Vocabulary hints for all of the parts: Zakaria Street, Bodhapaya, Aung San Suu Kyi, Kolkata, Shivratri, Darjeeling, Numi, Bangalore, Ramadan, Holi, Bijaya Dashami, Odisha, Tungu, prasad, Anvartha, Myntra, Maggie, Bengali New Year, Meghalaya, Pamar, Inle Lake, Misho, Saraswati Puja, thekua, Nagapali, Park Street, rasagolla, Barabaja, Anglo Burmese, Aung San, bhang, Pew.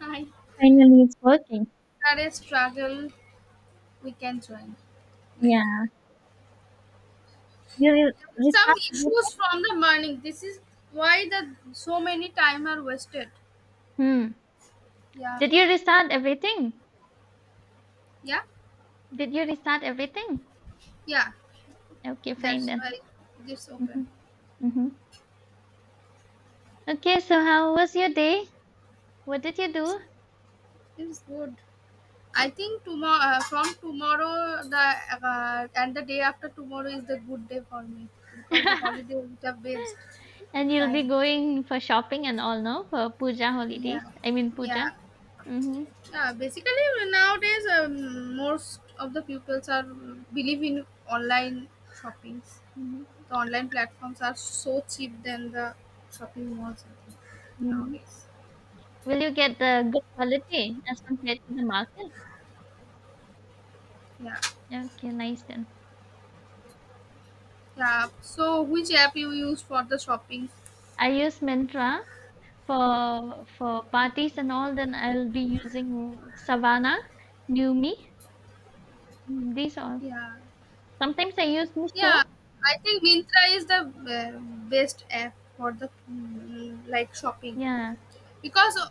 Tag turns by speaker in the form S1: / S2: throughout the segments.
S1: Hi.
S2: Finally, it's working.
S1: That is struggle we can join. Like
S2: Yeah. You re-
S1: some
S2: restart everything?
S1: issues from the morning. This is why the so many time are wasted.
S2: Hmm.
S1: Yeah.
S2: Did you restart everything?
S1: Yeah.
S2: Did you restart everything?
S1: Yeah.
S2: Okay, fine
S1: That's
S2: then.
S1: why this
S2: Mm-hmm.
S1: open.
S2: Mm-hmm. Okay, so how was your day? What did you do?
S1: It's good. I think tomorrow from tomorrow the and the day after tomorrow is the good day for me because the holiday is the best
S2: And you'll be
S1: time.
S2: going for shopping and all, no? For puja holidays.
S1: Yeah.
S2: I mean puja.
S1: Yeah.
S2: Mm-hmm.
S1: Yeah, basically nowadays most of the pupils are believe in online shoppings.
S2: Mm-hmm.
S1: The online platforms are so cheap than the shopping malls I think,
S2: Mm.
S1: nowadays.
S2: Will you get the good quality as compared to the market?
S1: Yeah,
S2: Okay, nice then.
S1: yeah. So which app you use for the shopping?
S2: I use Myntra. For parties and all, then I'll be using Savannah, Numi. These are
S1: Yeah,
S2: sometimes I use
S1: yeah.
S2: Misho.
S1: I think Mintra is the best app for the like shopping.
S2: Yeah.
S1: Because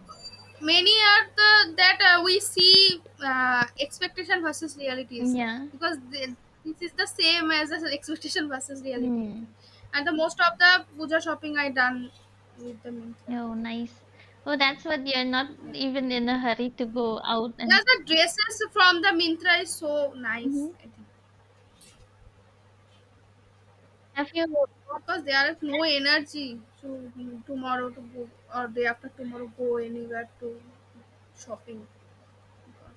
S1: many are the that we see expectation versus realities
S2: Yeah.
S1: because the, this is the same as the expectation versus reality I
S2: Hmm.
S1: think. And the most of the puja shopping I done with the mintra,
S2: Oh, nice. Oh, that's what you're not
S1: yeah.
S2: even in a hurry to go out
S1: Yeah,
S2: and.
S1: the dresses from the mintra is so nice
S2: Mhm.
S1: I think
S2: Have you?
S1: because there is no energy to tomorrow to go or day after tomorrow go anywhere to shopping.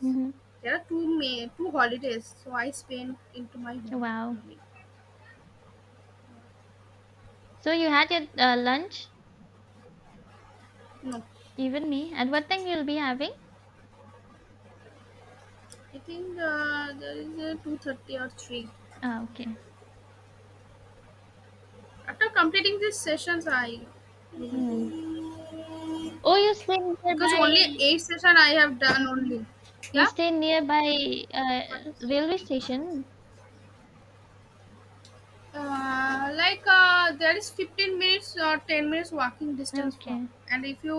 S2: Hmm.
S1: There are two May two holidays, so I spend into my home
S2: Wow.
S1: only.
S2: So you had your lunch?
S1: No,
S2: Even me? At what time you'll be having?
S1: I think there is a 2:30 or three.
S2: Ah, okay.
S1: After completing these sessions, I will
S2: Hmm.
S1: do
S2: Oh, you stay
S1: because only
S2: nearby.
S1: eight session I have done
S2: Mhm.
S1: only.
S2: You
S1: Yeah,
S2: stay nearby
S1: what is
S2: railway station.
S1: like there is 15 minutes or 10 minutes walking distance from,
S2: Okay.
S1: and if you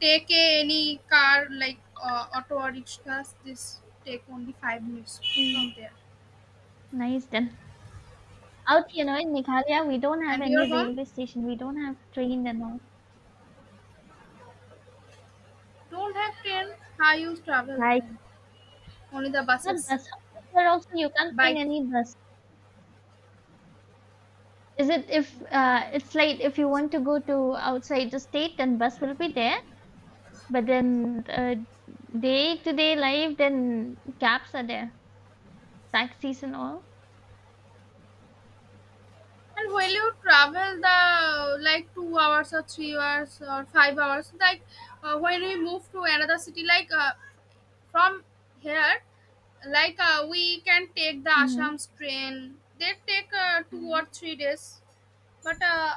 S1: take a, any car like auto or rickshaws, this take only 5 minutes
S2: Mm,
S1: from there
S2: nice then. Out here, now in Meghalaya, we don't have
S1: and your
S2: any
S1: home.
S2: railway station. We don't have train and all.
S1: Don't have train. How you travel
S2: Like
S1: then? Only the
S2: not
S1: buses,
S2: bus. Out here also, you can't find
S1: bike.
S2: any bus. Is it if it's
S1: Okay.
S2: like if you want to go to outside the state, then bus will be there. But then day to day life, then cabs are there, taxis and all.
S1: And will you travel the like 2 hours or 3 hours or 5 hours? Like when we move to another city, like from here, like we can take the
S2: Mm-hmm.
S1: Assam's train. They take two or
S2: Mm-hmm.
S1: three days, but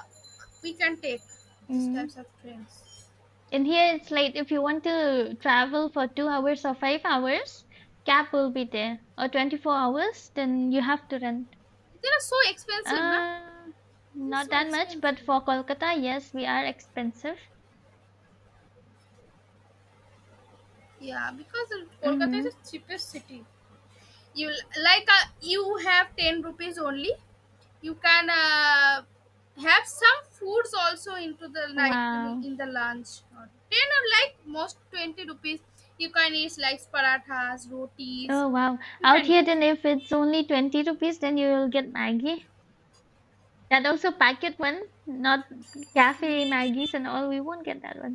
S1: we can take these
S2: Mm-hmm.
S1: types of trains.
S2: In here it's like if you want to travel for 2 hours or 5 hours, cab will be there. Or 24 hours, then you have to rent.
S1: They are so expensive, na?
S2: Uh,
S1: This is
S2: not
S1: so
S2: that much, but
S1: expensive.
S2: for Kolkata, yes, we are expensive.
S1: Yeah, because Kolkata is
S2: Mm-hmm.
S1: the cheapest city. You, like you have 10 rupees only, you can have some foods also into the, like
S2: Wow.
S1: in the lunch or 10 or like most 20 rupees, you can eat like parathas, rotis
S2: Oh, wow.
S1: you
S2: Out
S1: can
S2: here,
S1: eat.
S2: then if it's only 20 rupees, then you'll get Maggie. That also packet one, not cafe Maggies and all. We won't get that one.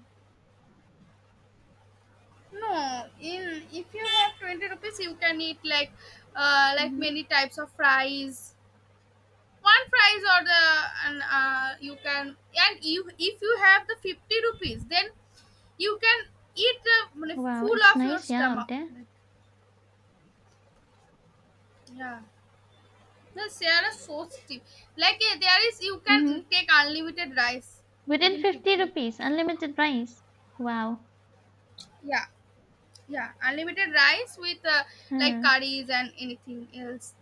S1: No, in if you have 20 rupees you can eat like
S2: Mm-hmm.
S1: many types of fries, one fries or the, and you can, and you if you have the 50 rupees then you can eat the
S2: Wow,
S1: full
S2: it's
S1: of your
S2: nice, yeah, out
S1: stomach,
S2: there.
S1: like, yeah, the Sierra is so steep, like there is you can
S2: Mm-hmm.
S1: take unlimited rice
S2: Within
S1: within
S2: 50
S1: 50
S2: rupees,
S1: rupees.
S2: unlimited rice. Wow.
S1: Yeah, yeah, unlimited rice with like
S2: Hmm.
S1: curries and anything else,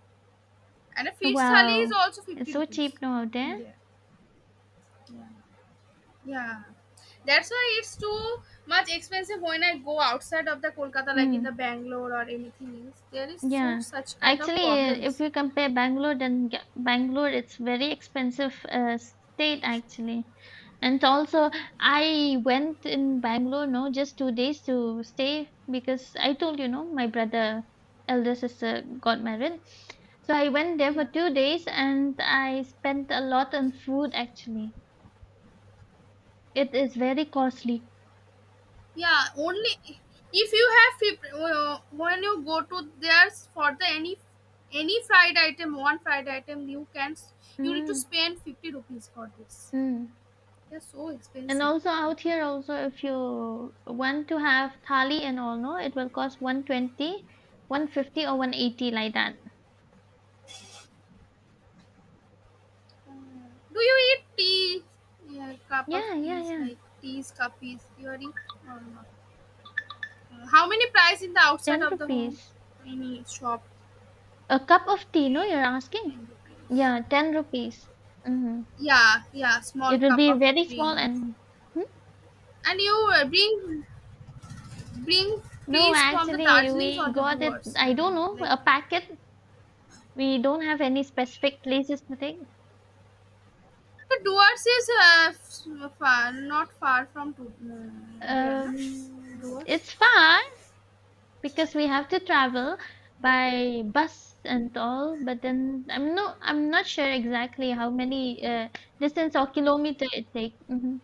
S1: and a fish thali is
S2: Wow.
S1: also
S2: It's
S1: 50
S2: so
S1: rupees
S2: cheap now out
S1: in
S2: there.
S1: there. Yeah, that's why it's too much expensive when I go outside of the Kolkata, like in the
S2: Mm.
S1: Bangalore or anything else there is so
S2: Yeah.
S1: such kind of
S2: Actually, if
S1: problems.
S2: you compare Bangalore, then Bangalore, it's very expensive state actually. And also, I went in Bangalore, no, just 2 days to stay because I told you, no, my brother, elder sister got married. So I went there for
S1: Yeah,
S2: 2 days and I spent a lot on food actually. It is very costly.
S1: yeah, only if you have when you go to there's for the any fried item, one fried item you can you need to
S2: Mm,
S1: spend 50 rupees for this,
S2: mm.
S1: they're so
S2: And
S1: expensive.
S2: also out here also if you want to have thali and all no, it will cost 120, 150, or 180 like that.
S1: Mm. Do you eat tea? Yeah, cup of
S2: Yeah, yeah,
S1: teas
S2: yeah.
S1: like teas cuppies you are eat, or not? How many price in the
S2: 10
S1: outside of the home,
S2: rupees.
S1: any shop
S2: A cup of tea, no, you're asking?
S1: in the place?
S2: Yeah, 10 rupees. Mm-hmm.
S1: Yeah, yeah, small
S2: It will
S1: cup
S2: be
S1: of
S2: very small
S1: tea.
S2: and hmm?
S1: And you bring
S2: No,
S1: trees from the
S2: actually
S1: Darjeelings
S2: we
S1: or the
S2: got it,
S1: Doers.
S2: I don't know,
S1: Like
S2: a packet. We don't have any specific places to take.
S1: the Doers is far, not far from to, there, no? Doers.
S2: It's far, because we have to travel by bus and all but then I'm not sure exactly how many distance or kilometer it take. Hmm.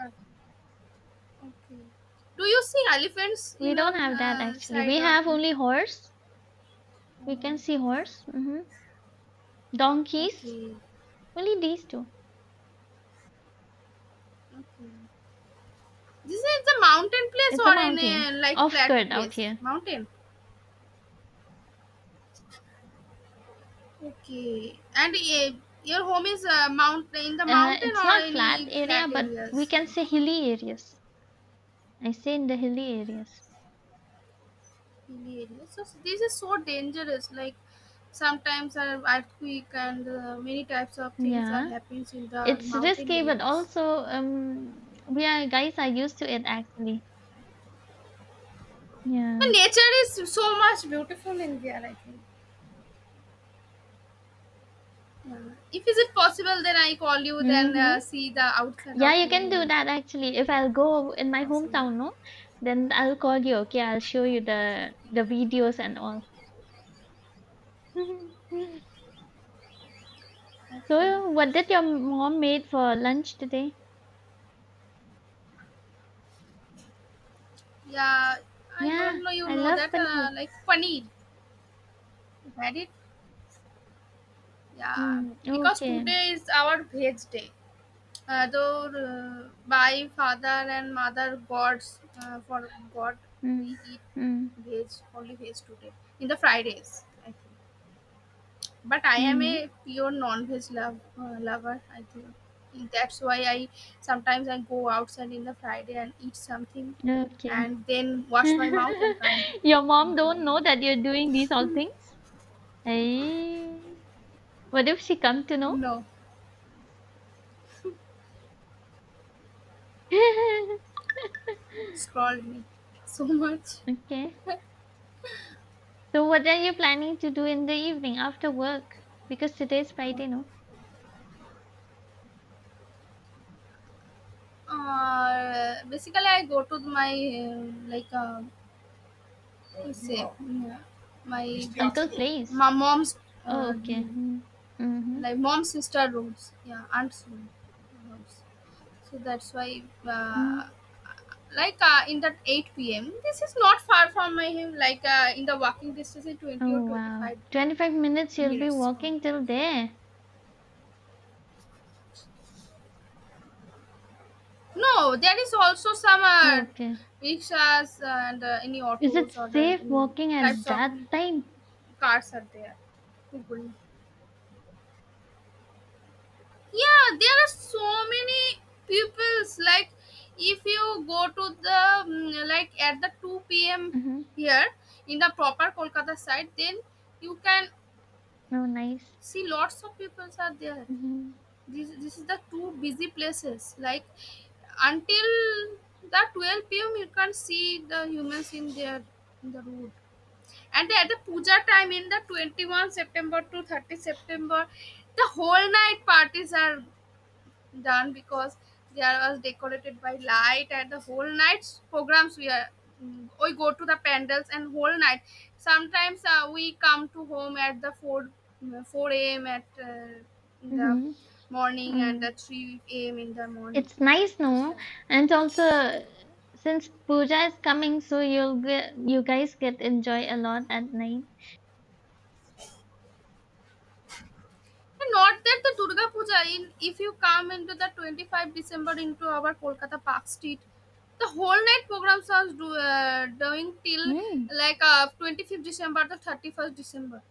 S1: Uh, okay. Do you see elephants
S2: We
S1: in
S2: don't
S1: your
S2: have that actually, we
S1: side or
S2: have only
S1: anything?
S2: horse, we can
S1: Uh,
S2: see horse. Hmm. Donkeys,
S1: okay.
S2: only these two.
S1: Okay. This is the mountain place
S2: It's a
S1: or in a
S2: mountain
S1: like
S2: off
S1: flat
S2: skirt out
S1: place?
S2: here.
S1: Mountain. Okay. And your home is mount in the mountain
S2: It's
S1: or
S2: not flat
S1: any
S2: area
S1: flat
S2: but we
S1: areas?
S2: can say hilly areas, I say in the hilly areas.
S1: Hilly areas. So this is so dangerous. Like sometimes an earthquake and many types of things are
S2: Yeah,
S1: happening in the
S2: it's
S1: mountain
S2: risky but
S1: areas.
S2: also um we are guys are used to it actually.
S1: But
S2: Yeah.
S1: nature is so much beautiful in there, I think. Yeah. If is it possible, then I call you. Then
S2: Mhm.
S1: see the outside
S2: Yeah,
S1: of
S2: you
S1: your
S2: can do
S1: home.
S2: that actually. If I'll go in my
S1: Possible.
S2: hometown, no, then I'll call you. Okay, I'll show you the videos and all.
S1: Okay.
S2: So, what did your mom made for lunch today?
S1: Yeah, I
S2: Yeah,
S1: don't know. You
S2: I
S1: know
S2: love
S1: that
S2: paneer.
S1: like paneer. You had it. Yeah,
S2: Mm,
S1: because
S2: okay.
S1: today is our veg day. Though by father and mother gods for god we
S2: Mm,
S1: eat
S2: mm,
S1: veg, only veg today, in the Fridays I think. But I am a
S2: mm,
S1: pure non-veg lover I think. That's why I sometimes I go outside in the Friday and eat something,
S2: okay.
S1: and then wash my mouth and come
S2: Your mom
S1: into my
S2: don't know
S1: home.
S2: that you're doing these all things? Hey, what if she come to know?
S1: No, scrolled me so much.
S2: Okay. So, what are you planning to do in the evening after work? Because today is Friday, no?
S1: Basically I go to my uh, like say, yeah, my
S2: Uncle plays.
S1: my mom's
S2: Oh,
S1: uh,
S2: okay. Hmm. Mm-hmm.
S1: like mom's sister roads, yeah, aunt's roads. So that's why uh,
S2: Hmm.
S1: like in that 8 p.m, this is not far from my home, like in the walking distance in 20 or
S2: Oh, wow.
S1: 25
S2: 25 minutes you'll be
S1: minutes only
S2: walking
S1: take.
S2: till there.
S1: No, there is also some
S2: Oh, okay.
S1: rickshaws and any
S2: Is it
S1: autos or
S2: safe
S1: any
S2: walking at
S1: types of
S2: that time?
S1: cars are there, people. Yeah, there are so many pupils like if you go to the like at the 2 p.m
S2: Mm-hmm.
S1: here in the proper Kolkata side, then you can
S2: Oh, nice.
S1: see lots of pupils are there.
S2: Mm-hmm.
S1: This is the two busy places like, until the 12 p.m you can see the humans in there in the road. And at the puja time in the 21 September to 30 September, the whole night parties are done because there was decorated by light and the whole night's programs we are, we go to the pandals and whole night. Sometimes we come to home at the 4 a.m at in the
S2: Mm-hmm.
S1: morning, and
S2: Mm.
S1: the 3 a.m in the morning
S2: It's nice,
S1: this
S2: no?
S1: time.
S2: And also, since puja is coming, so you'll get, you guys get enjoy a lot at night.
S1: And not that, the Durga Puja, in if you come into the 25 December into our Kolkata Park Street, the whole night programs are doing till
S2: Mm.
S1: like 25th December to 31st December.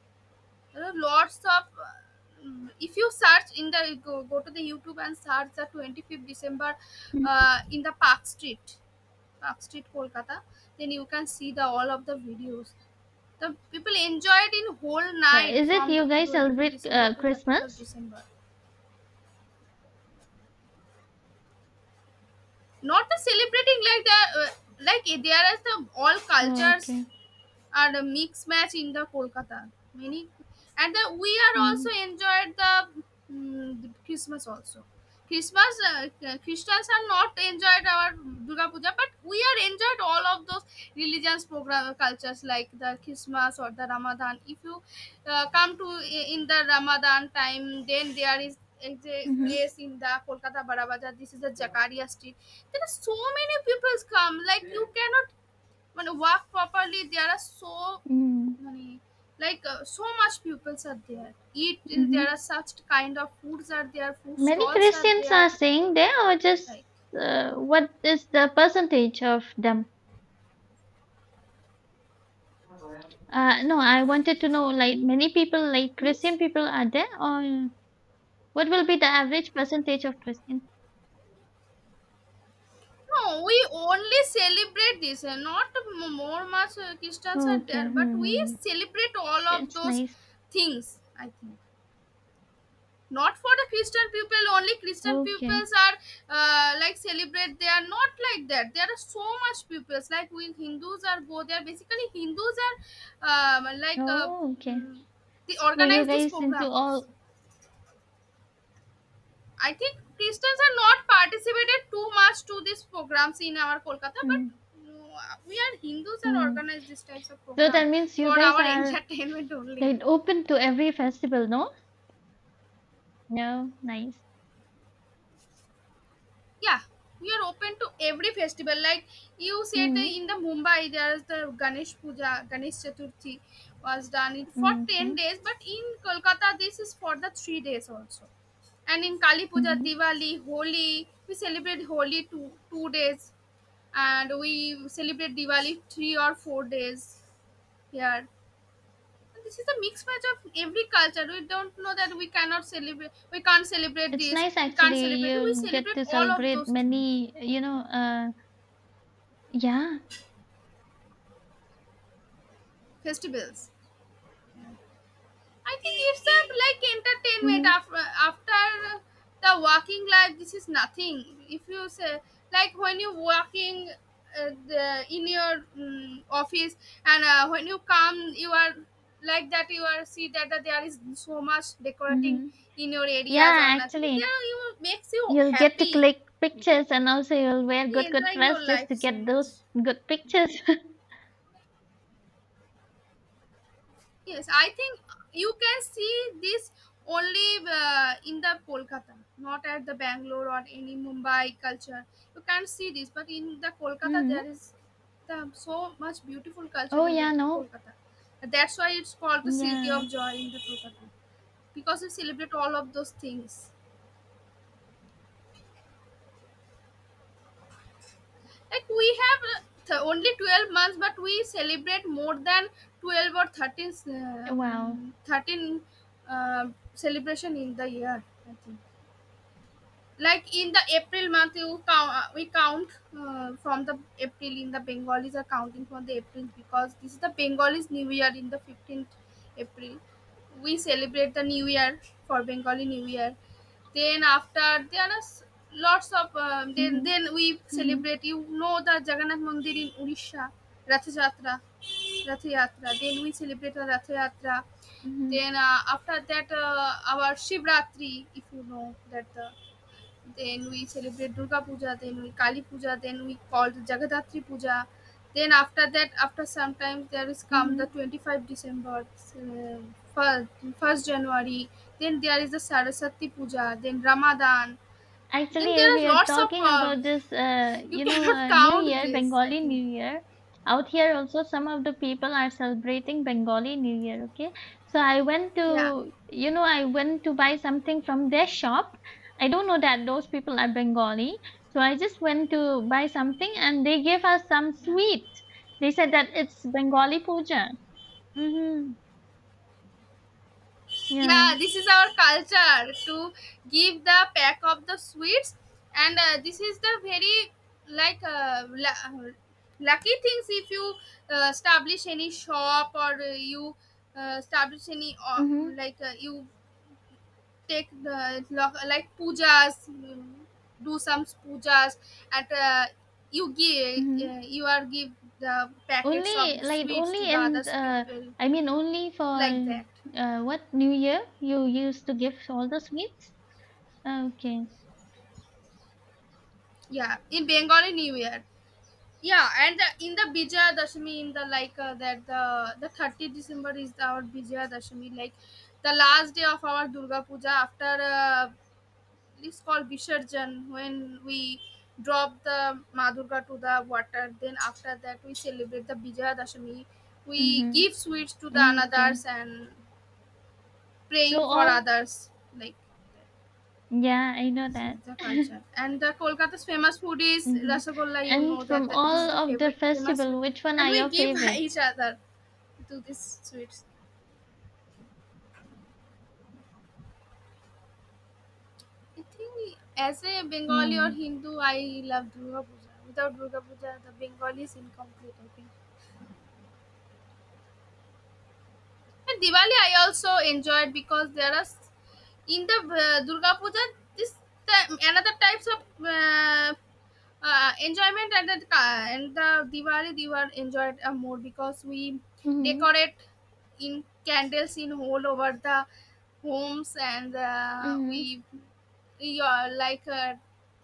S1: There are lots of, if you search in the go to the YouTube and search the 25th December in the Park Street Kolkata, then you can see the all of the videos, the people enjoyed in whole
S2: But
S1: night
S2: is it
S1: from the
S2: you guys
S1: 25th
S2: celebrate
S1: December to 31st
S2: Christmas?
S1: December. Not the celebrating like the like there is the all
S2: Oh,
S1: cultures
S2: okay.
S1: are a mixed match in the Kolkata. Many and the, we are also
S2: Mm,
S1: enjoyed the, the Christmas also. Christmas, Christians are not enjoyed our Durga Puja, but we are enjoyed all of those religions program cultures like the Christmas or the Ramadan. If you come to in the Ramadan time, then there is a
S2: mm-hmm,
S1: place in the Kolkata Barabaja. This is the Jakaria Street. There are so many people come. Like you cannot when work properly, there are so
S2: mm,
S1: many, like so much pupils are there eat,
S2: mm-hmm.
S1: there are such kind of foods are there, food
S2: Many
S1: stalls are
S2: Christians
S1: there,
S2: are saying they are just
S1: like,
S2: what is the percentage of them? No, I wanted to know like many people like Christian
S1: means.
S2: people are there or what will be the average percentage of Christian?
S1: No, we only celebrate this and not more much Christians
S2: Oh,
S1: are
S2: okay.
S1: there, but we
S2: Mm-hmm.
S1: celebrate all of
S2: It's
S1: those
S2: nice.
S1: things I think. Not for the Christian people only, Christian
S2: Okay.
S1: peoples are like celebrate, they are not like that, there are so much peoples like, we Hindus are go there, basically Hindus are like
S2: Oh, okay.
S1: mm, they
S2: So you
S1: organize these
S2: guys into
S1: programs.
S2: all.
S1: I think Christians are not participated too much to these programs in our Kolkata, but
S2: Mm,
S1: mm, we are Hindus are
S2: mm.
S1: organize these types of
S2: So
S1: program
S2: that means you
S1: for
S2: guys
S1: our
S2: are
S1: entertainment only.
S2: they'd open to every festival, no? No, nice.
S1: Yeah, we are open to every festival like you said that
S2: Mm-hmm.
S1: in the Mumbai there's the Ganesh Puja, Ganesh Chaturthi was done it for
S2: Mm,
S1: 10
S2: okay.
S1: days, but in Kolkata this is for the 3 days also. And in Kali Puja,
S2: Mm-hmm.
S1: Diwali, Holi, we celebrate Holi 2 2 days, and we celebrate Diwali 3 or 4 days here. And this is a mixed match of every culture, we don't know that we cannot celebrate, we can't celebrate
S2: It's
S1: this,
S2: nice
S1: we can't
S2: actually.
S1: celebrate, we
S2: You'll get
S1: celebrate
S2: to
S1: all of
S2: celebrate
S1: those things
S2: many, you
S1: like
S2: know,
S1: that,
S2: yeah.
S1: festivals. I think it's a like entertainment
S2: Mm-hmm.
S1: after the working life. This is nothing. If you say, like when you working the, in your office, and when you come, you are like that. You are see that, that there is so much decorating
S2: Mm-hmm.
S1: in your areas or
S2: Yeah,
S1: nothing,
S2: actually,
S1: there you makes you
S2: you'll get to
S1: happy.
S2: click pictures and also you'll wear
S1: You
S2: good, good
S1: enjoying your
S2: dress just
S1: life
S2: to
S1: so
S2: get those
S1: much.
S2: good pictures.
S1: Yes, I think you can see this only in the Kolkata, not at the Bangalore or any Mumbai culture. You can't see this, but in the Kolkata
S2: Mm-hmm.
S1: there is the, so much beautiful culture
S2: Oh,
S1: in the
S2: yeah, no.
S1: Kolkata. That's why it's called the city
S2: Yeah.
S1: of joy in the Kolkata because we celebrate all of those things. Like we have only 12 months, but we celebrate more than 12 or 13,
S2: Wow.
S1: 13 uh, celebration in the year. I think. Like in the April month, we count from the April in the Bengalis are counting from the April because this is the Bengalis New Year in the 15th April. We celebrate the New Year for Bengali New Year. Then after there are lots of then
S2: Mm-hmm.
S1: then we
S2: Mm-hmm.
S1: celebrate. You know the Jagannath Mandir in Odisha, Rath Yatra, Rath Yatra. Then we celebrate the Rath Yatra.
S2: Mm-hmm.
S1: Then after that, our Shivratri, if you know that. Then we celebrate Durga Puja, then we Kali Puja, then we called Jagadatri Puja. Then after that, after sometimes there is come the
S2: Mm-hmm.
S1: 25 December, uh, fir- 1st January, then there is the Saraswati Puja, then Ramadan.
S2: Actually,
S1: Then
S2: if
S1: there is
S2: we are
S1: lots of,
S2: talking about this,
S1: you
S2: you know,
S1: cannot
S2: New
S1: count
S2: Year,
S1: this, I
S2: Bengali
S1: think.
S2: New Year, out here also some of the people are celebrating Bengali New Year. Okay, so I went
S1: Yeah,
S2: to, you know, I went to buy something from their shop. I don't know that those people are Bengali, so I just went to buy something, and they gave us some
S1: yeah.
S2: sweet. They said that it's Bengali puja. Mm-hmm. Yeah.
S1: Yeah, this is our culture to give the pack of the sweets, and this is the very like lucky things if you establish any shop, or you establish any
S2: Mm-hmm.
S1: like you take the like pujas, do some pujas at you give
S2: Mm-hmm.
S1: you are give the packets of
S2: Only like
S1: sweets to
S2: only
S1: the
S2: and
S1: others people,
S2: I mean only for
S1: like that.
S2: what New Year you used to give all the sweets? Okay.
S1: Yeah, in Bengali New Year. Yeah, and in the Bijaya Dashami, in the like that the 30th December is the, our Bijaya Dashami, like the last day of our Durga Puja after it's called Visharjan when we drop the Ma Durga to the water. Then after that we celebrate the Bijaya Dashami. We
S2: Mm-hmm.
S1: give sweets to the
S2: Okay.
S1: anadars and
S2: So
S1: praying for
S2: all
S1: others, like.
S2: yeah, I know that.
S1: Siddha culture. And Kolkata's famous food is
S2: Mm-hmm.
S1: rasagolla. You
S2: And
S1: know that,
S2: from
S1: that this
S2: all
S1: is the
S2: of the
S1: favorite famous
S2: festival,
S1: sweet,
S2: which one are
S1: and we
S2: your
S1: give
S2: favorite?
S1: each other to these sweets. I think as a Bengali or
S2: Mm.
S1: Hindu, I love Durga Puja. Without Durga Puja, the Bengali is incomplete, I think. And Diwali, I also enjoyed because there are in the Durga Puja this another types of enjoyment at the and the Diwali enjoyed more, because we
S2: Mm-hmm.
S1: decorate in candles in all over the homes, and
S2: Mm-hmm.
S1: we are like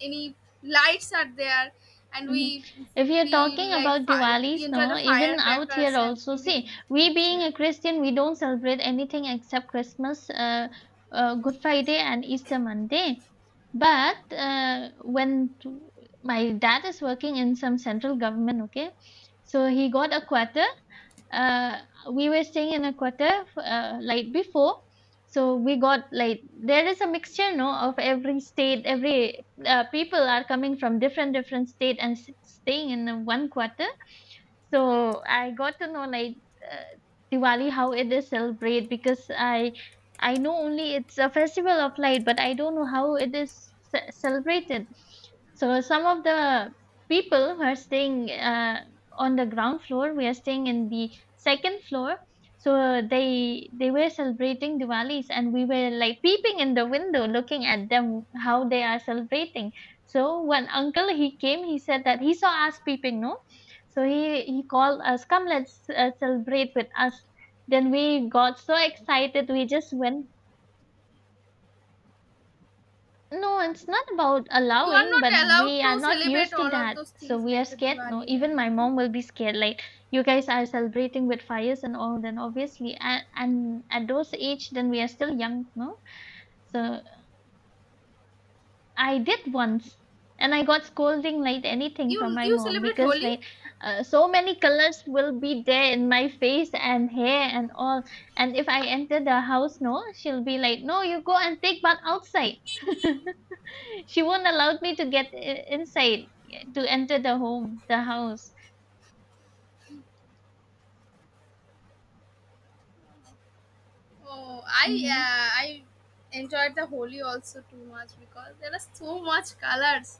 S1: any lights are there, and
S2: Mhm. If you're talking about
S1: we
S2: Diwali's,
S1: enjoy
S2: no,
S1: the
S2: even out here
S1: firecrackers and
S2: also, see,
S1: everything
S2: we
S1: is
S2: being
S1: there.
S2: a Christian, we don't celebrate anything except Christmas, Good Friday, and Easter Monday. But when my dad is working in some central government, okay, so he got a quarter uh, we were staying in a quarter like before, so we got like there is a mixture no of every state, every people are coming from different different state and staying in a one quarter, so I got to know like uh, diwali how it is celebrated because I know only it's a festival of light but I don't know how it is celebrated. So some of the people who are staying on the ground floor. We are staying in the second floor. So they were celebrating Diwalis, and we were like peeping in the window, looking at them how they are celebrating. So when uncle he came, he said that he saw us peeping, no. So he called us, come let's celebrate with us. Then we got so excited, we just went no, it's not about
S1: You are
S2: allowing, but
S1: not
S2: we
S1: allowed
S2: are
S1: to
S2: not
S1: celebrate
S2: used to
S1: all of
S2: that.
S1: those
S2: So
S1: things
S2: we are
S1: like the
S2: scared. No,
S1: Diwalis and
S2: even my
S1: anything.
S2: mom will be scared. Like, you guys are celebrating with fires and all, then obviously, and at those age, then we are still young, no? So I did once, and I got scolding like anything from
S1: You
S2: my
S1: you
S2: mom
S1: celebrate
S2: because
S1: Holi?
S2: like so many colors will be there in my face and hair and all. And if I enter the house, no, she'll be like, "No, you go and take bath outside." She won't allow me to get inside yeah, to enter the home, the house.
S1: Oh, I
S2: Mm-hmm.
S1: uh, I enjoyed the Holi also too much because there are so much colors.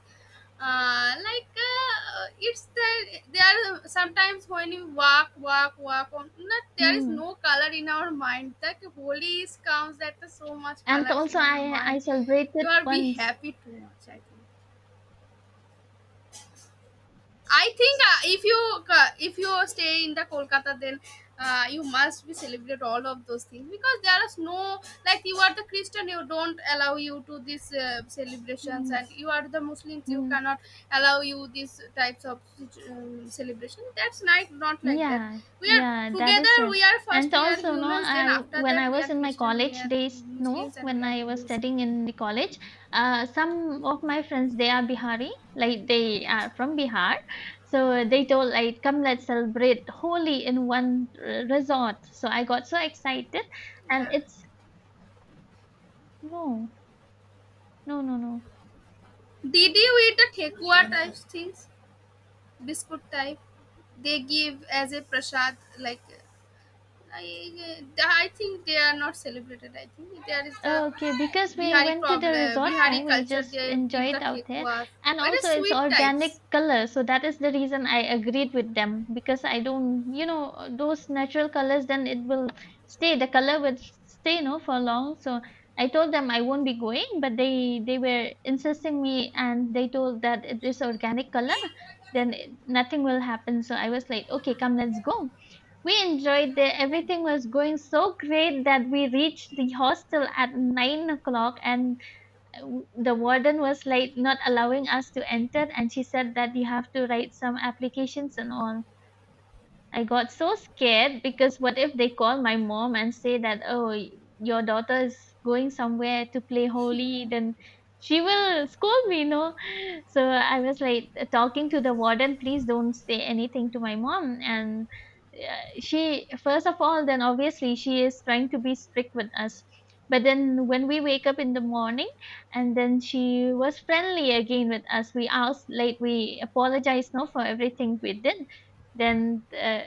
S1: Like, it's the there are sometimes when you walk, walk, walk on. Not there is
S2: Mm.
S1: no color in our mind. That Holi is comes that so much
S2: And
S1: colors
S2: also,
S1: in your
S2: I
S1: mind. You
S2: celebrated
S1: are be
S2: once.
S1: happy too much, I think. I think if you stay in the Kolkata, then you must be celebrate all of those things, because there is no, like, you are the Christian, you don't allow you to these celebrations,
S2: Mm-hmm.
S1: and you are the Muslims, you cannot allow you these types of celebration. That's not not like that.
S2: Yeah,
S1: We are
S2: yeah, that is
S1: together.
S2: it.
S1: We are first.
S2: And
S1: We are
S2: also, no,
S1: humans. Then
S2: I
S1: after
S2: when I
S1: that, we
S2: was
S1: are
S2: in my
S1: Christian. We
S2: college
S1: are
S2: days, no,
S1: Muslims, and
S2: when
S1: we are
S2: I was
S1: Hindus.
S2: studying in the college, some of my friends they are Bihari, like they are from Bihar, so they told like, come, let's celebrate Holi in one resort. So I got so excited, and
S1: Yeah.
S2: it's no, no, no, no.
S1: Did you eat the thekua type things? Biscuit type they give as a prasad, like. I think they are not celebrated. I think there is the
S2: Okay, because we
S1: bihari
S2: went to the
S1: problem,
S2: resort, no,
S1: bihari
S2: we
S1: culture,
S2: just
S1: they
S2: enjoy
S1: give
S2: it
S1: the
S2: out there.
S1: thekuas.
S2: And
S1: What
S2: also
S1: are
S2: it's
S1: sweet
S2: organic
S1: types?
S2: color, so that is the reason I agreed with them because I don't, you know, those natural colors then it will stay, the color will stay, no, for long. So I told them I won't be going, but they were insisting me and they told that it is organic color, then it, nothing will happen. So I was like, okay, come, let's go. We enjoyed the everything was going so great that we reached the hostel at 9 o'clock and the warden was like not allowing us to enter and she said that you have to write some applications and all. I got so scared because what if they call my mom and say that, oh, your daughter is going somewhere to play holy, then she will scold me, no? So I was like talking to the warden, please don't say anything to my mom. And she, first of all, then obviously she is trying to be strict with us. But then when we wake up in the morning, and then she was friendly again with us. We asked, like, we apologized, no, for everything we did then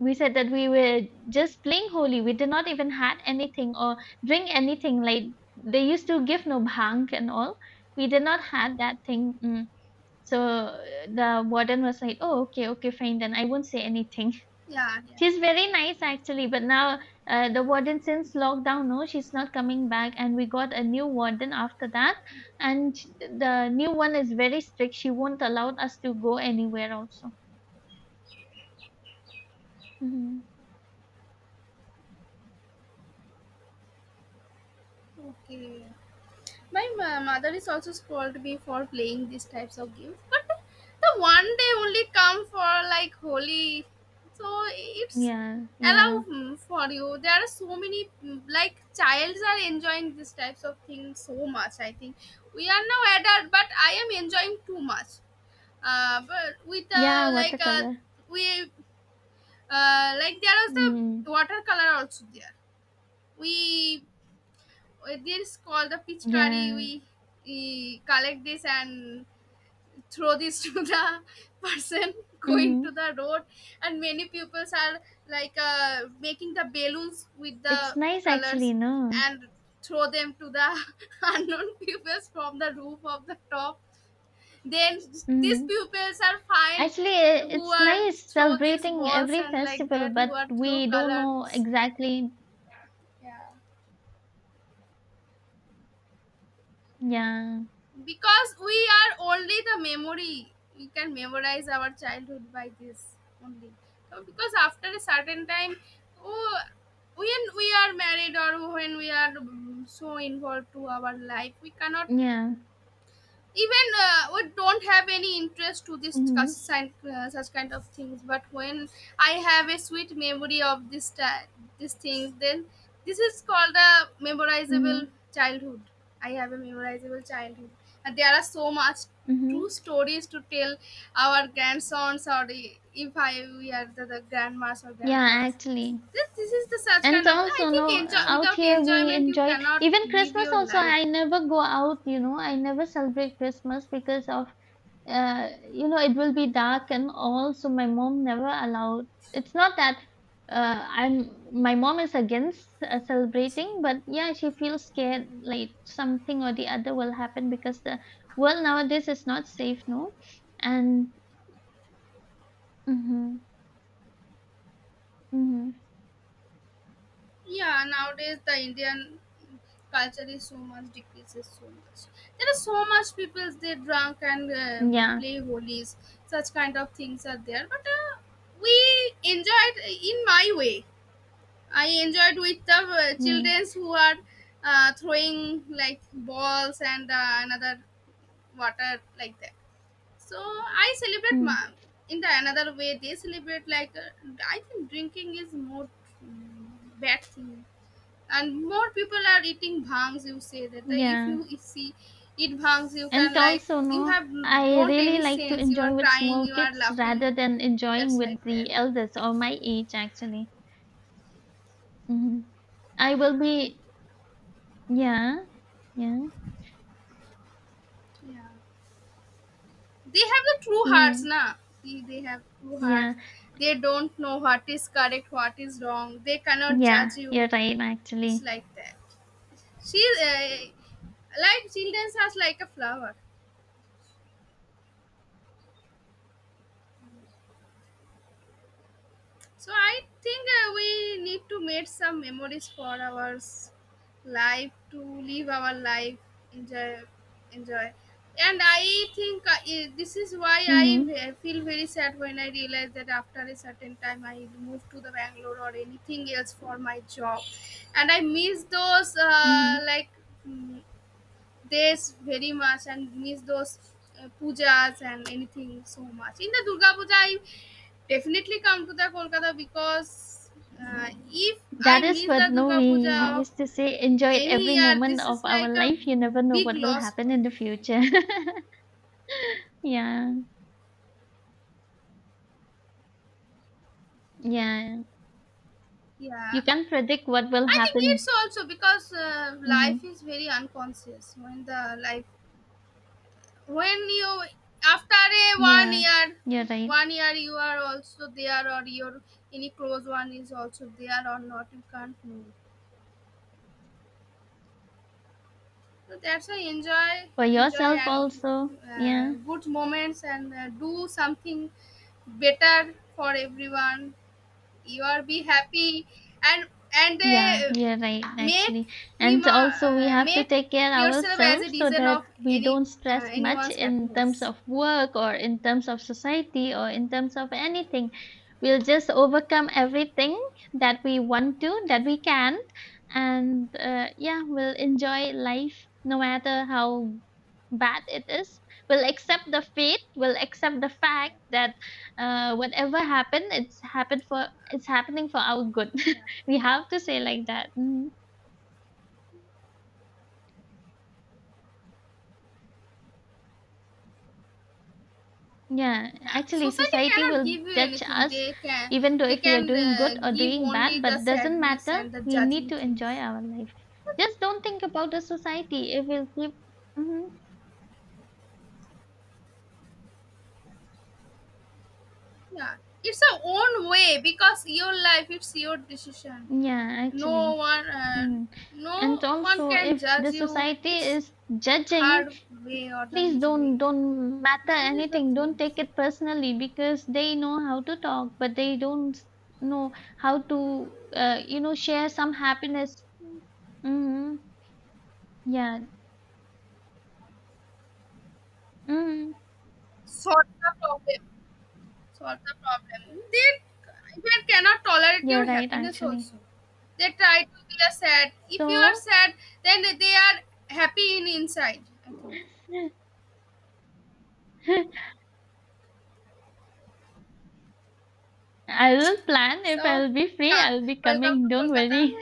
S2: we said that we were just playing holy. We did not even had anything or drink anything. Like they used to give no bhang and all. We did not had that thing. Mm. So the warden was like, "Oh, okay, okay, fine. Then I won't say anything."
S1: Yeah, yeah,
S2: She's very nice actually, but now the warden since lockdown, no, she's not coming back, and we got a new warden after that, and the new one is very strict. She won't allow us to go anywhere. Also, hmm,
S1: okay. My mother is also scolded me for playing these types of games, but the one day only come for like Holi, so it's
S2: yeah, yeah,
S1: allow, for you. There are so many, like childs are enjoying these types of things so much, I think. We are now adult, but I am enjoying too much. But with
S2: yeah.
S1: like
S2: Watercolor.
S1: we like there was the
S2: Mm,
S1: watercolor also there. We There is called the pitchkari.
S2: yeah.
S1: We collect this and throw this to the person going
S2: Mm.
S1: to the road. And many pupils are like making the balloons with
S2: It's
S1: the
S2: nice actually,
S1: colors
S2: no?
S1: and throw them to the unknown pupils from the roof of the top. Then these
S2: Mm.
S1: pupils are fined
S2: Actually,
S1: who
S2: it's
S1: are
S2: nice
S1: throw these
S2: celebrating
S1: balls,
S2: every
S1: and like
S2: festival,
S1: that who
S2: but
S1: are throw
S2: we don't know
S1: colors.
S2: exactly.
S1: Yeah.
S2: Yeah.
S1: Because we are only the memory, we can memorize our childhood by this only. So because after a certain time, oh, when we are married or when we are, so involved to our life, we cannot
S2: Yeah.
S1: even, we don't have any interest to this
S2: Mm-hmm.
S1: such kind of things, but when I have a sweet memory of this these things, then this is called a memorizable
S2: Mm-hmm.
S1: childhood. I have a memorizable childhood, and there are so much true
S2: Mm-hmm.
S1: stories to tell our grandsons, or if I we are the grandmas or
S2: Yeah,
S1: grandpas.
S2: actually.
S1: This is the such
S2: And
S1: kind of, I
S2: also,
S1: think,
S2: no,
S1: enjoy.
S2: out
S1: Without
S2: here we
S1: enjoyment you
S2: enjoy it.
S1: cannot
S2: Even
S1: live
S2: Christmas
S1: your
S2: also,
S1: life,
S2: I never go out, you
S1: I
S2: know, I
S1: think.
S2: never celebrate Christmas because of you know, it will be dark and all. So my mom never allowed. It's not that I'm. My mom is against celebrating, but yeah, she feels scared like something or the other will happen because the world nowadays is not safe, no. And mm-hmm, mm-hmm,
S1: Yeah, nowadays the Indian culture is so much decreases so much. There are so much people they drunk and
S2: yeah,
S1: play holies. Such kind of things are there, but we enjoyed in my way. I enjoyed with the
S2: yeah,
S1: childrens who are throwing like balls and another water, like that. So I celebrate
S2: mm,
S1: in the another way. They celebrate, like, I think drinking is more, bad thing, and more people are eating bhangs, you say that if
S2: yeah.
S1: you e- see eat bhangs you
S2: And
S1: can, like,
S2: also,
S1: you
S2: no,
S1: have
S2: I
S1: don't
S2: really
S1: any
S2: like to
S1: sense, you are
S2: enjoy with
S1: crying,
S2: small
S1: you are
S2: kids rather
S1: laughing,
S2: than enjoying
S1: that's
S2: with
S1: like that.
S2: the elders or my age, actually. Mm-hmm. I will be yeah, yeah.
S1: Yeah, they have the true hearts
S2: Mm.
S1: na. See, they have true
S2: Yeah,
S1: hearts. They don't know what is correct, what is wrong. They cannot
S2: yeah,
S1: judge
S2: you're
S1: you.
S2: right
S1: It's
S2: actually.
S1: like that. She Like children are like a flower. So I think we need to make some memories for our life, to live our life, enjoy, enjoy. And I think, this is why I
S2: Hmm.
S1: feel very sad when I realize that after a certain time I move to the Bangalore or anything else for my job, and I miss those
S2: Hmm.
S1: like, mm, this very much, and miss those pujas and anything so much. In the Durga Puja, I definitely come to the Kolkata, because if I
S2: That is
S1: miss
S2: what
S1: the
S2: no
S1: Durga
S2: we
S1: Puja
S2: we
S1: of
S2: used to say enjoy
S1: any
S2: every
S1: year,
S2: moment
S1: this
S2: of
S1: is
S2: our
S1: like a
S2: life. You never know
S1: big
S2: what will
S1: loss for
S2: happen in
S1: me,
S2: the
S1: I
S2: future.
S1: think.
S2: Yeah, yeah. You
S1: Yeah,
S2: can't predict what will
S1: I think it's
S2: happen.
S1: also because
S2: Hmm.
S1: life is very unconscious. When the life When you after a one
S2: Yeah,
S1: year
S2: you're right.
S1: one year you are also there, or your any close one is also there or not, you can't know. So that's why enjoy,
S2: For
S1: enjoy,
S2: yourself
S1: and
S2: also. Yeah.
S1: good moments, and do something better for everyone. You are be happy, and and
S2: Yeah,
S1: uh,
S2: you're right,
S1: make
S2: actually. And also, we have to
S1: make
S2: take care
S1: yourself as a
S2: ourselves so
S1: reason
S2: that
S1: of
S2: we
S1: any,
S2: don't stress much
S1: anyone's
S2: in terms
S1: happiness.
S2: of work or in terms of society or in terms of anything. We'll just overcome everything that we want to, that we can. And yeah, we'll enjoy life no matter how bad it is. We'll accept the fate, we'll accept the fact that whatever happened, it's happened for it's happening for our good.
S1: Yeah.
S2: We have to say like that. Mm. Yeah,
S1: Yeah,
S2: actually,
S1: society
S2: society
S1: cannot
S2: will
S1: give you
S2: judge
S1: anything.
S2: us
S1: they can
S2: even though
S1: they
S2: if we are
S1: can
S2: doing good or
S1: give
S2: doing
S1: only
S2: bad,
S1: the
S2: but doesn't
S1: sadness
S2: matter.
S1: and the
S2: We need
S1: judging
S2: to enjoy
S1: things.
S2: our life. Just don't think about the society. It will keep. Mhm.
S1: Yeah, it's a own way because your life, it's your decision.
S2: Yeah,
S1: no
S2: actually.
S1: one uh,
S2: Mm. And
S1: no one
S2: also,
S1: can
S2: if
S1: judge
S2: the
S1: you.
S2: society
S1: It's
S2: is judging
S1: her way or the
S2: please
S1: his way.
S2: don't matter
S1: This is the
S2: anything, don't
S1: thing.
S2: take it personally because they know how to talk but they don't know how to you know share some happiness. Mm-hmm. Yeah. Mm-hmm.
S1: Sort of problem Solve the problem. They even cannot tolerate
S2: You're
S1: your
S2: right
S1: happiness
S2: actually.
S1: also. They try to be a sad. If you are
S2: So
S1: sad, then they are happy in inside. I think.
S2: I will plan, if
S1: So.
S2: I'll be free
S1: Ka-
S2: I'll be
S1: Welcome
S2: coming,
S1: to
S2: don't
S1: Kolkata.
S2: worry.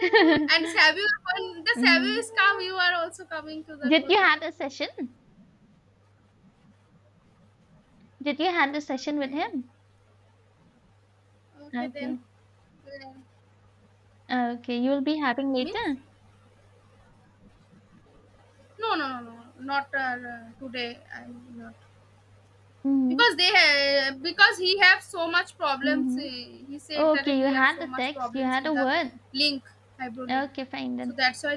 S1: And Sabu, when the Sabu
S2: Mm-hmm.
S1: is come, you are also coming to the
S2: Did you had
S1: Kolkata.
S2: a session, did you had a session with
S1: Okay,
S2: him?
S1: okay
S2: Okay,
S1: then. Uh,
S2: okay you'll be having
S1: Means
S2: later.
S1: no, no, no, no, not today. I'm not.
S2: Mm-hmm.
S1: Because he have so much problems,
S2: Mm-hmm.
S1: he said that
S2: Okay, you
S1: he have
S2: had the
S1: so much
S2: text, you
S1: problems
S2: had
S1: in
S2: a
S1: the
S2: word.
S1: link Hybro link.
S2: Okay, fine
S1: So
S2: then.
S1: that's why